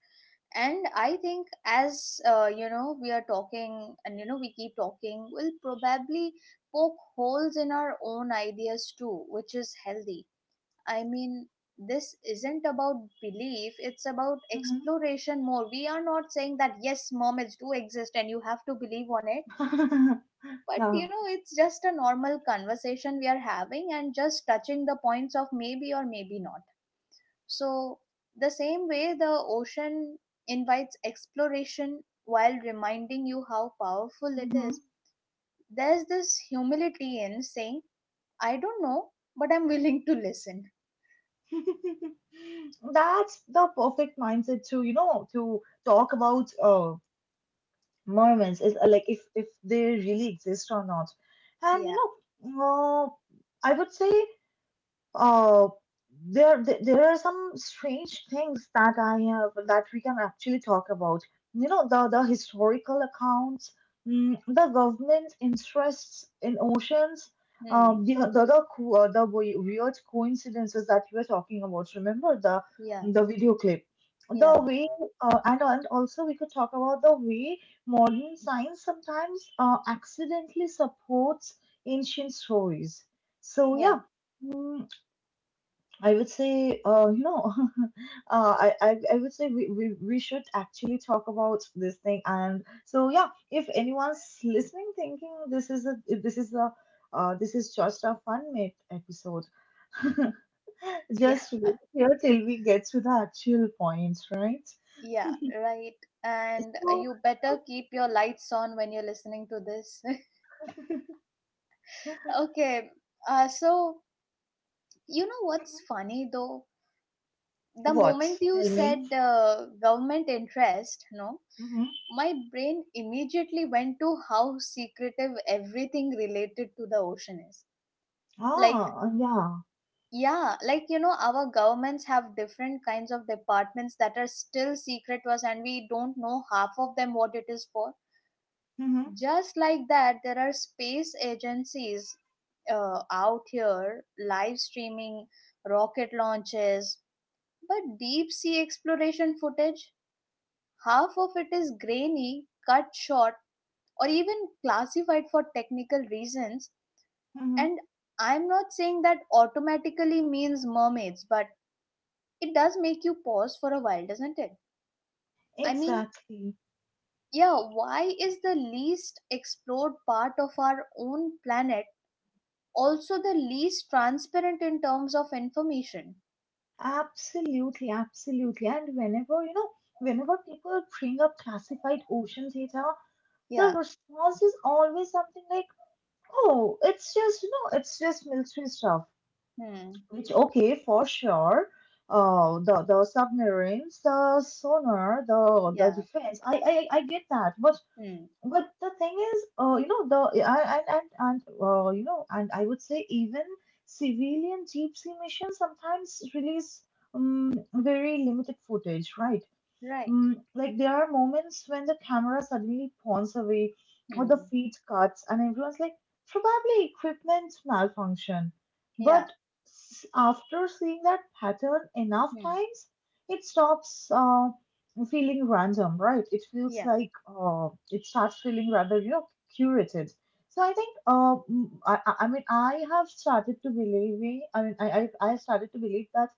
And I think as uh, you know, we are talking, and you know, we keep talking. We'll probably poke holes in our own ideas too, which is healthy. I mean, this isn't about belief, it's about Hmm. exploration more. We are not saying that yes, mermaids do exist and you have to believe on it, [laughs] but Yeah. you know, it's just a normal conversation we are having and just touching the points of maybe or maybe not. So, the same way the ocean invites exploration while reminding you how powerful it Hmm. is, there's this humility in saying, I don't know, but I'm willing to listen. [laughs] That's the perfect mindset to you know to talk about uh, Mormons is uh, like if if they really exist or not. And you Yeah. know, uh, I would say uh, there th- there are some strange things that I have that we can actually talk about. You know, the the historical accounts, mm, the government interests in oceans, um, Hmm. the the the, co- uh, the we- weird coincidences that we were talking about. Remember the Yeah. the video clip. The Yeah. way, uh, and, and also we could talk about the way modern science sometimes uh, accidentally supports ancient stories. So, Yeah, yeah, Mm, I would say, uh, you know, [laughs] uh, I, I, I would say we, we, we should actually talk about this thing. And so, yeah, if anyone's listening, thinking this is a, this is a, uh, this is just a fun mate episode, [laughs] yeah, just wait here till we get to the actual point, right? yeah, right. And So, you better keep your lights on when you're listening to this. [laughs] Okay, uh, so you know what's [laughs] funny though? The what? moment you Tell me. said uh, government interest, no, Mm-hmm. my brain immediately went to how secretive everything related to the ocean is. Like, Ah, yeah. yeah, like you know, our governments have different kinds of departments that are still secret to us, and we don't know half of them what it is for. Mm-hmm. Just like that, there are space agencies uh, out here live streaming rocket launches, but deep sea exploration footage, half of it is grainy, cut short, or even classified for technical reasons. Mm-hmm. And I'm not saying that automatically means mermaids, but it does make you pause for a while, doesn't it? I mean, Exactly. yeah, why is the least explored part of our own planet also the least transparent in terms of information? Absolutely, absolutely. And whenever, you know, whenever people bring up classified ocean data, the Yeah. response is always something like, oh, it's just, you know, it's just military stuff. Hmm. Which, okay, for sure. Uh, the the submarines, the sonar, the the Yeah. defense. I I, I get that, but Hmm. but the thing is, uh, you know, the yeah, and and and uh, you know, and I would say even civilian deep sea missions sometimes release um, very limited footage, right? Right. Mm, like there are moments when the camera suddenly pawns away or the Hmm. feed cuts and everyone's like probably equipment malfunction Yeah. but s- after seeing that pattern enough Hmm. times it stops uh, feeling random, right? It feels Yeah. like uh, it starts feeling rather, you know, curated. So I think uh, mm, I, I I mean I have started to believing I mean I I, I started to believe that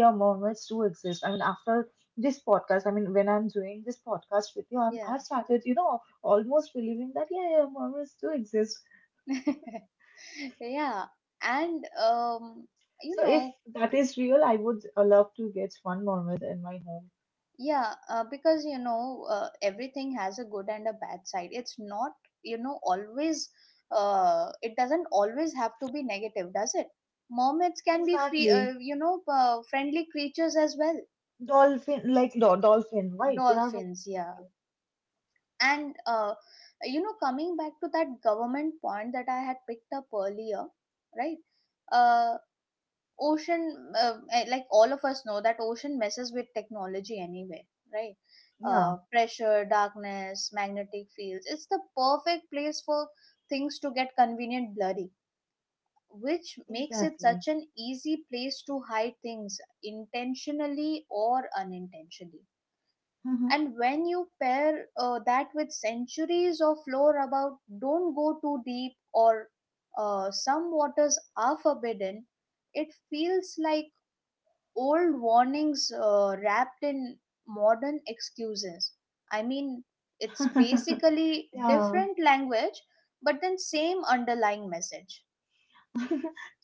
yeah, mermaids do exist. I mean after this podcast, I mean, when I'm doing this podcast with you, I'm, Yeah. I started, you know, almost believing that, yeah, yeah, Mormons do exist. [laughs] Yeah. And um, you So if know, that is real, I would uh, love to get one Mormon in my home. yeah, uh, because you know, uh, everything has a good and a bad side. It's not, you know, always. Uh, it doesn't always have to be negative, does it? Mermaids can be free, Exactly. uh, you know, uh, friendly creatures as well. Dolphin, like do- dolphin, right? They are, very— Dolphins, yeah. And uh, you know, coming back to that government point that I had picked up earlier, right? Uh, Ocean, uh, eh, like all of us know that ocean messes with technology anyway, right? yeah, Uh, pressure, darkness, magnetic fields. It's the perfect place for things to get convenient blurry, which makes it exactly. such an easy place to hide things intentionally or unintentionally. Mhm. And when you pair uh, that with centuries of lore about don't go too deep or uh, some waters are forbidden, it feels like old warnings uh, wrapped in modern excuses. I mean it's [laughs] basically Yeah, different language, but then same underlying message.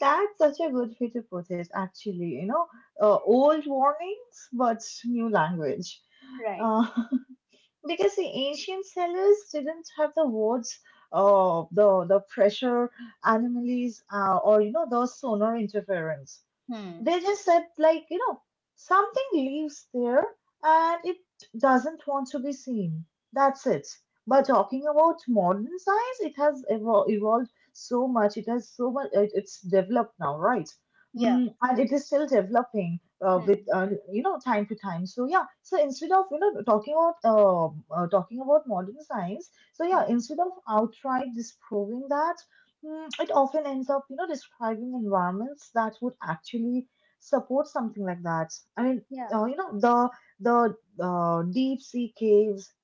that's such a good way to put it, actually. You know, uh, old warnings, but new language. Right. Uh, [laughs] because the ancient cellars didn't have the wards, uh, the the pressure anomalies, uh, or you know the sonar interference. Hmm. They just said, like, you know, something lives there and it doesn't want to be seen. That's it. But talking about modern science, it has evol- evolved so much. It has so much. It, it's developed now, right? Yeah. Mm, and it is still developing uh, with Hmm. uh, you know, time to time. So yeah. So instead of you know talking about um uh, talking about modern science, so yeah, Hmm. instead of outright disproving that, mm, it often ends up, you know, describing environments that would actually support something like that. I mean, Yeah. uh, you know, the the uh, deep sea caves,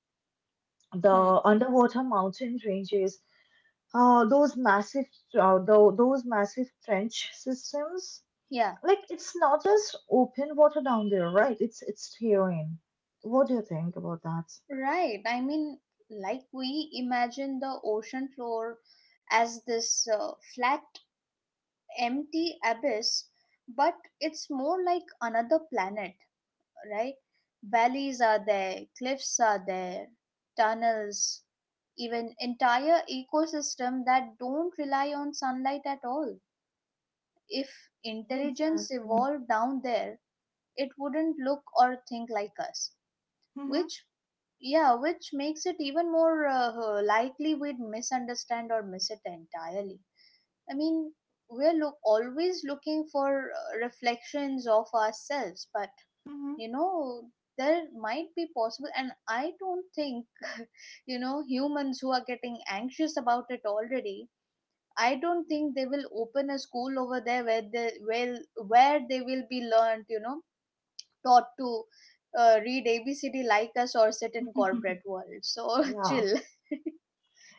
the Hmm. underwater mountain ranges, uh, those massive uh, tho- those massive trench systems. Yeah. Like it's not just open water down there, right? It's it's terrain. What do you think about that? Right. I mean, like we imagine the ocean floor as this uh, flat, empty abyss, but it's more like another planet, right? Valleys are there, cliffs are there, tunnels, even entire ecosystem that don't rely on sunlight at all. If intelligence Exactly. evolved down there, it wouldn't look or think like us, Mm-hmm. which— yeah, which makes it even more uh, likely we'd misunderstand or miss it entirely. I mean, we're look always looking for uh, reflections of ourselves, but, you know, there might be possible, and I don't think, [laughs] you know, humans who are getting anxious about it already. I don't think they will open a school over there where they will where they will be learned, you know, taught to uh, read A B C D like us or sit in Mm-hmm. corporate world. [laughs] So [laughs] Yeah. chill.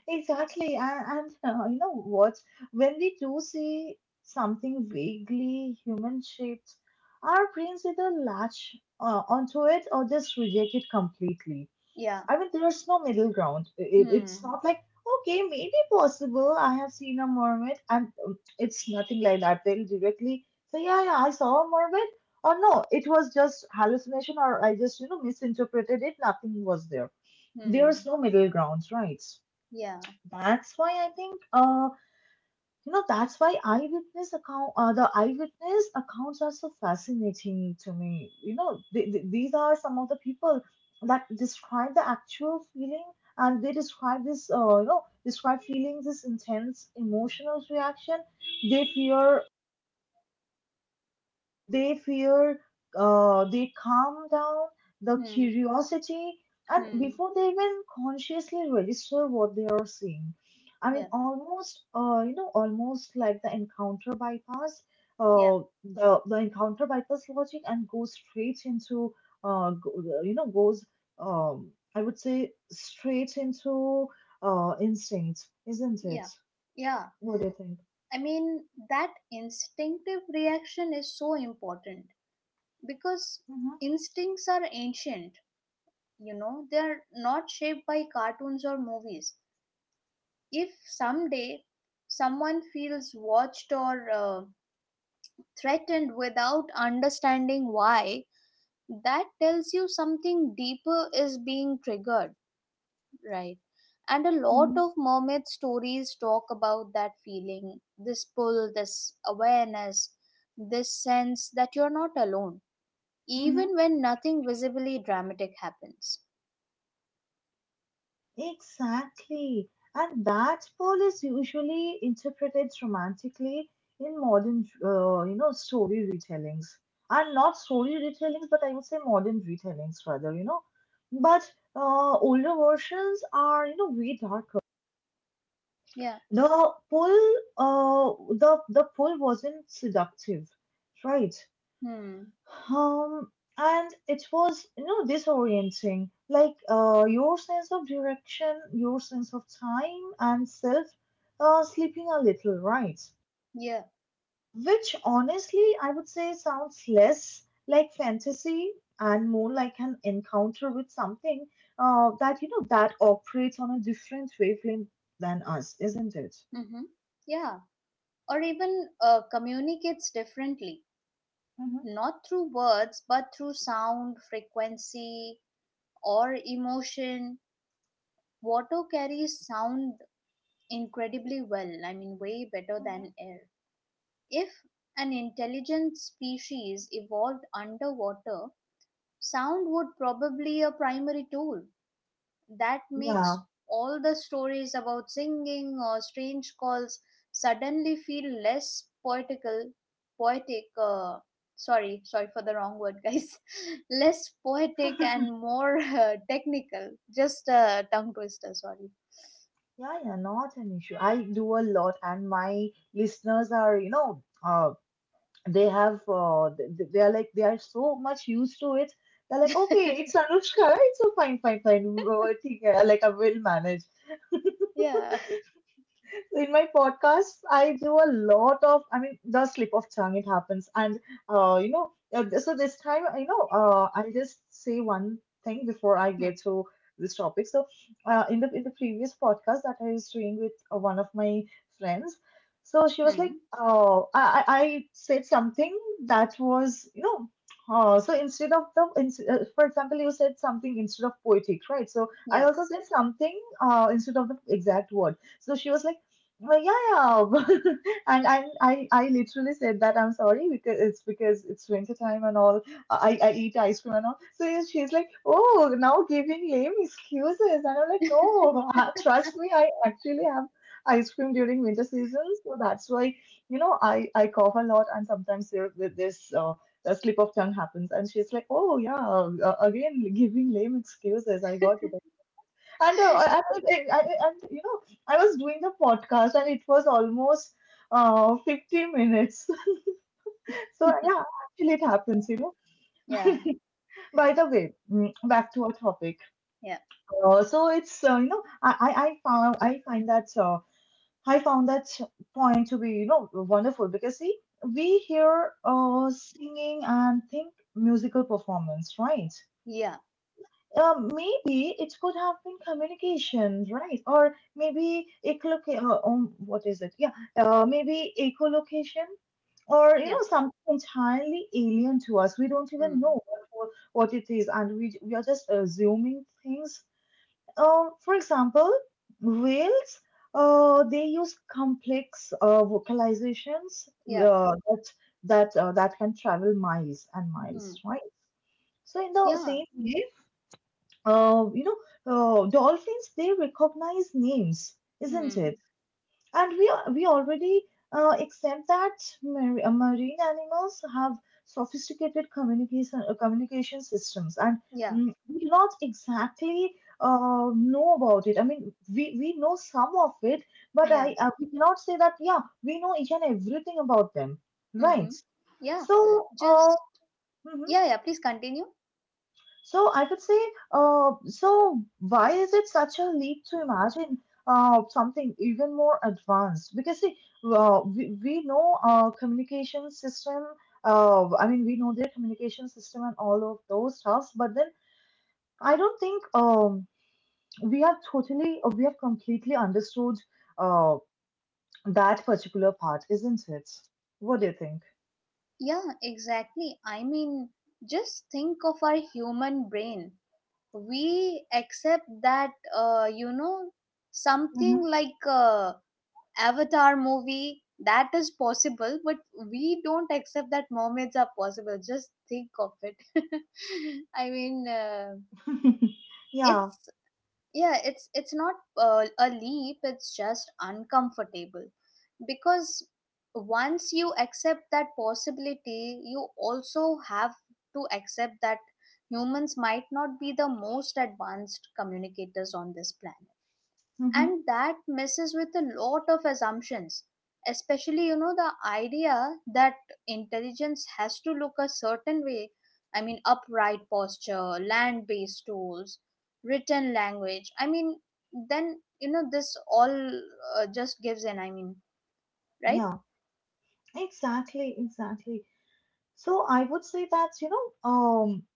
Exactly, and, and [laughs] uh, you know what? When we do see something vaguely human shaped, our brains either latch uh, onto it or just reject it completely. [laughs] Yeah. I mean, there's no middle ground. It, it's Hmm. not like, okay, maybe possible. I have seen a mermaid, and um, it's nothing like that. They'll directly say, yeah, yeah, I saw a mermaid, or no, it was just hallucination, or I just, you know, misinterpreted it. Nothing was there. There's Hmm. no middle ground, right? Yeah. That's why I think, uh, you know, that's why eyewitness account, uh, the eyewitness accounts are so fascinating to me. You know, they, they- these are some of the people that describe the actual feeling, and they describe this, uh, you know, describe feeling this intense emotional reaction they fear they fear, uh, they calm down the Hmm. curiosity, and Hmm. before they even consciously register what they are seeing. I Yeah. mean, almost, uh, you know, almost like the encounter bypass, Yeah. uh, the, the encounter bypass logic and goes straight into, uh, go, you know, goes, um, I would say, straight into uh, instinct, isn't it? Yeah. Yeah. What do you think? I mean, that instinctive reaction is so important, because Mm-hmm. instincts are ancient. You know, they're not shaped by cartoons or movies. If someday someone feels watched or uh, threatened without understanding why, that tells you something deeper is being triggered, right? And a lot Mm-hmm. of mermaid stories talk about that feeling this pull, this awareness, this sense that you're not alone, Mm-hmm. even when nothing visibly dramatic happens. Exactly. And that pole is usually interpreted romantically in modern, uh, you know, story retellings. And not story retellings, but I would say modern retellings rather, you know. But uh, older versions are, you know, way darker. Yeah. The pull, uh, the the pull wasn't seductive, right? Hmm. Um, and it was, you know, disorienting. Like, uh, your sense of direction, your sense of time and self uh, slipping a little, right? Yeah. Which honestly, I would say sounds less like fantasy and more like an encounter with something uh, that, you know, that operates on a different wavelength than us, isn't it? Mm-hmm. Yeah. Or even uh, communicates differently, Mm-hmm. not through words, but through sound, frequency, or emotion. Water carries sound incredibly well, I mean, way better Mm-hmm. than air. If an intelligent species evolved underwater, sound would probably a primary tool. That makes all the stories about singing or strange calls suddenly feel less poetical, poetic, uh, sorry, sorry for the wrong word, guys, [laughs] less poetic Yeah. [laughs] and more [laughs] uh, technical. Just a tongue twister, sorry. Yeah, yeah, not an issue. I do a lot, and my listeners are, you know, uh, they have, uh, they, they are like, they are so much used to it. They're like, okay, it's [laughs] Anushka, right? So fine, fine, fine. uh, I think, है, like, I will manage. [laughs] Yeah. In my podcast, I do a lot of, I mean, the slip of tongue, it happens. And, uh, you know, uh, so this time, you know, uh, I'll just say one thing before I Hmm. get to this topic. So, Yeah. uh, in the in the previous podcast that I was doing with uh, one of my friends, so she was like, Hmm. "Oh, I I I said something that was, you know." Uh, so instead of the, ins- uh, for example, you said something instead of poetic, right? So I Yeah. also said something uh, instead of the exact word. So she was like, well, yeah, yeah. [laughs] And I, I, I literally said that I'm sorry because it's because it's winter time and all. I, I eat ice cream and all. So yeah, she's like, oh, now giving lame excuses, and I'm like, no, [laughs] trust me, I actually have ice cream during winter season, so that's why you know I, I cough a lot, and sometimes there th- this uh, a slip of tongue happens, and she's like, oh yeah, uh, again giving lame excuses. I got it. And uh, I I was, I, I- and you know, I was doing the podcast and it was almost uh fifty minutes. [laughs] So yeah, [laughs] actually it happens, you know. Yeah, [laughs] By the way, mm, back to our topic. yeah, Uh, so it's uh, you know, I I I found I find that uh, I found that point to be, you know, wonderful because see we hear uh singing and think musical performance, right? yeah, Um, maybe it could have been communication, right? Or maybe echolocation. Uh, um, what is it? Yeah, uh, maybe echolocation, or you yeah, know, something entirely alien to us. We don't even know mm, what, what what it is, and we we are just assuming things. Um, for example, whales. Uh, they use complex uh, vocalizations yeah, uh, that that uh, that can travel miles and miles, mm, right? So in the yeah, same way, uh, you know, uh, dolphins, they recognize names, isn't it? mm, And we are- we already uh, accept that mar- uh, marine animals have sophisticated communication uh, communication systems, and yeah, mm, we do not exactly uh, know about it. I mean, we we know some of it, but I yeah, uh, we cannot say that yeah, we know each and everything about them, mm-hmm, right? yeah. So, uh, Just, mhm. yeah, yeah, please continue. So I would say, uh, so why is it such a leap to imagine uh, something even more advanced? Because see, uh, we, we know uh, communication system, uh, I mean, we know their communication system and all of those stuffs, but then I don't think um, we have totally, or we have completely understood uh, that particular part, isn't it? What do you think? Yeah, exactly. I mean, just think of our human brain. We accept that, uh, you know, something like a Avatar movie that is possible, but we don't accept that mermaids are possible. Just think of it. [laughs] I mean, uh, Mhm. [laughs] Yeah. it's— yeah, it's it's not uh, a leap, it's just uncomfortable, because once you accept that possibility you also have to accept that humans might not be the most advanced communicators on this planet, Hmm. and that messes with a lot of assumptions, especially, you know, the idea that intelligence has to look a certain way. I mean, upright posture, land based tools, written language. I mean, then, you know, this all uh, just gives in. I mean, right. Yeah. Exactly. Exactly. So I would say that, you know, um,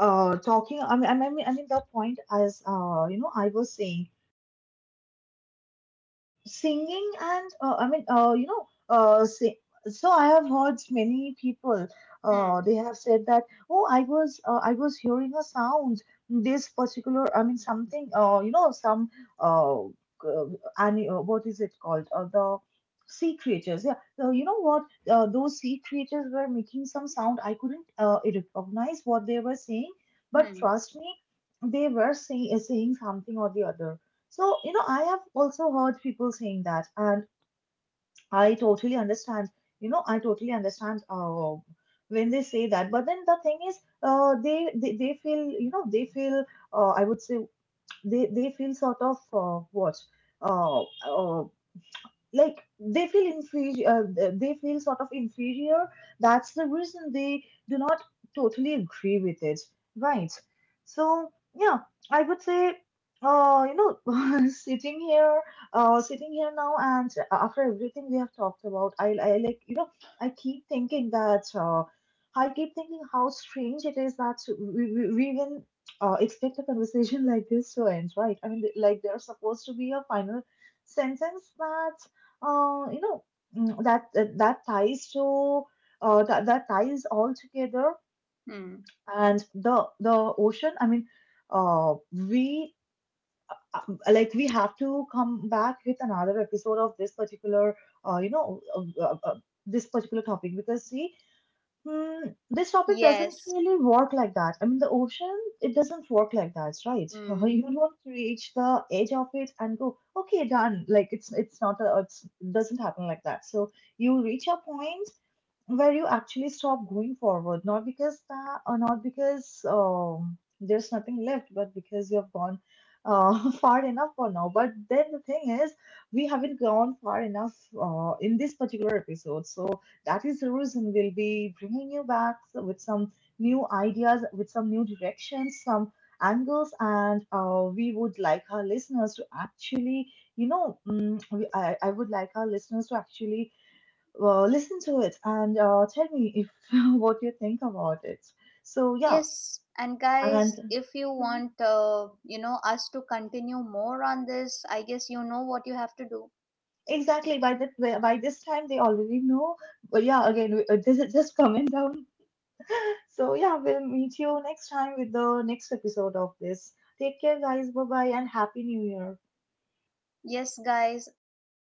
uh, talking, I mean, I mean, I mean, the point as, uh, you know, I was saying singing and uh, I mean uh, you know uh, sing- so I have heard many people uh, Hmm. they have said that oh i was uh, I was hearing a sound, this particular, I mean something uh, you know some uh, uh, ani- uh, what is it called, uh, the sea creatures. Yeah, so you know what, uh, those sea creatures were making some sound. I couldn't uh, recognize what they were saying, but Hmm. trust me, they were saying saying something or the other. So, you know, I have also heard people saying that, and I totally understand. You know, I totally understand uh, when they say that. But then the thing is, uh, they, they they feel, you know, they feel. Uh, I would say they they feel sort of uh, what. Uh, uh, like they feel inferior, uh, they feel sort of inferior. That's the reason they do not totally agree with it, right? So yeah, I would say uh you know, [laughs] sitting here uh sitting here now, and after everything we have talked about, i, I, like, you know, I keep thinking that uh, I keep thinking how strange it is that we, we, we even uh, expect a conversation [laughs] like this to end, right? I mean, like, there's supposed to be a final sentence that uh, you know mm, that that, that ties to uh, that, that ties all together. Hmm. And the the ocean, I mean, uh, we uh, like we have to come back with another episode of this particular, uh, you know uh, uh, uh, this particular topic, because see, Mm, this topic doesn't Yes. really work like that. I mean, the ocean, it doesn't work like that, right? [laughs] Hmm. You don't reach the edge of it and go, okay, done. Like, it's it's not a, it's, it doesn't happen like that. So you reach a point where you actually stop going forward, not because that, or not because um, there's nothing left, but because you have gone uh, [laughs] far enough for now. But then the thing is, we haven't gone far enough uh, in this particular episode, so that is the reason we'll be bringing you back with some new ideas, with some new directions, some angles, and uh, we would like our listeners to actually, you know, mm, we, I, I would like our listeners to actually, well, listen to it and uh, tell me if [laughs] what you think about it. So yeah, Yes, and and guys, if you mhm. want, uh, you know, us to continue more on this, I guess you know what you have to do. Exactly, by that, by by this time they already know. But yeah, again, we- uh, [laughs] this is just comment down. So yeah, we'll meet you next time with the next episode of this. Take care, guys. Bye bye, and happy New Year. Yes, guys, and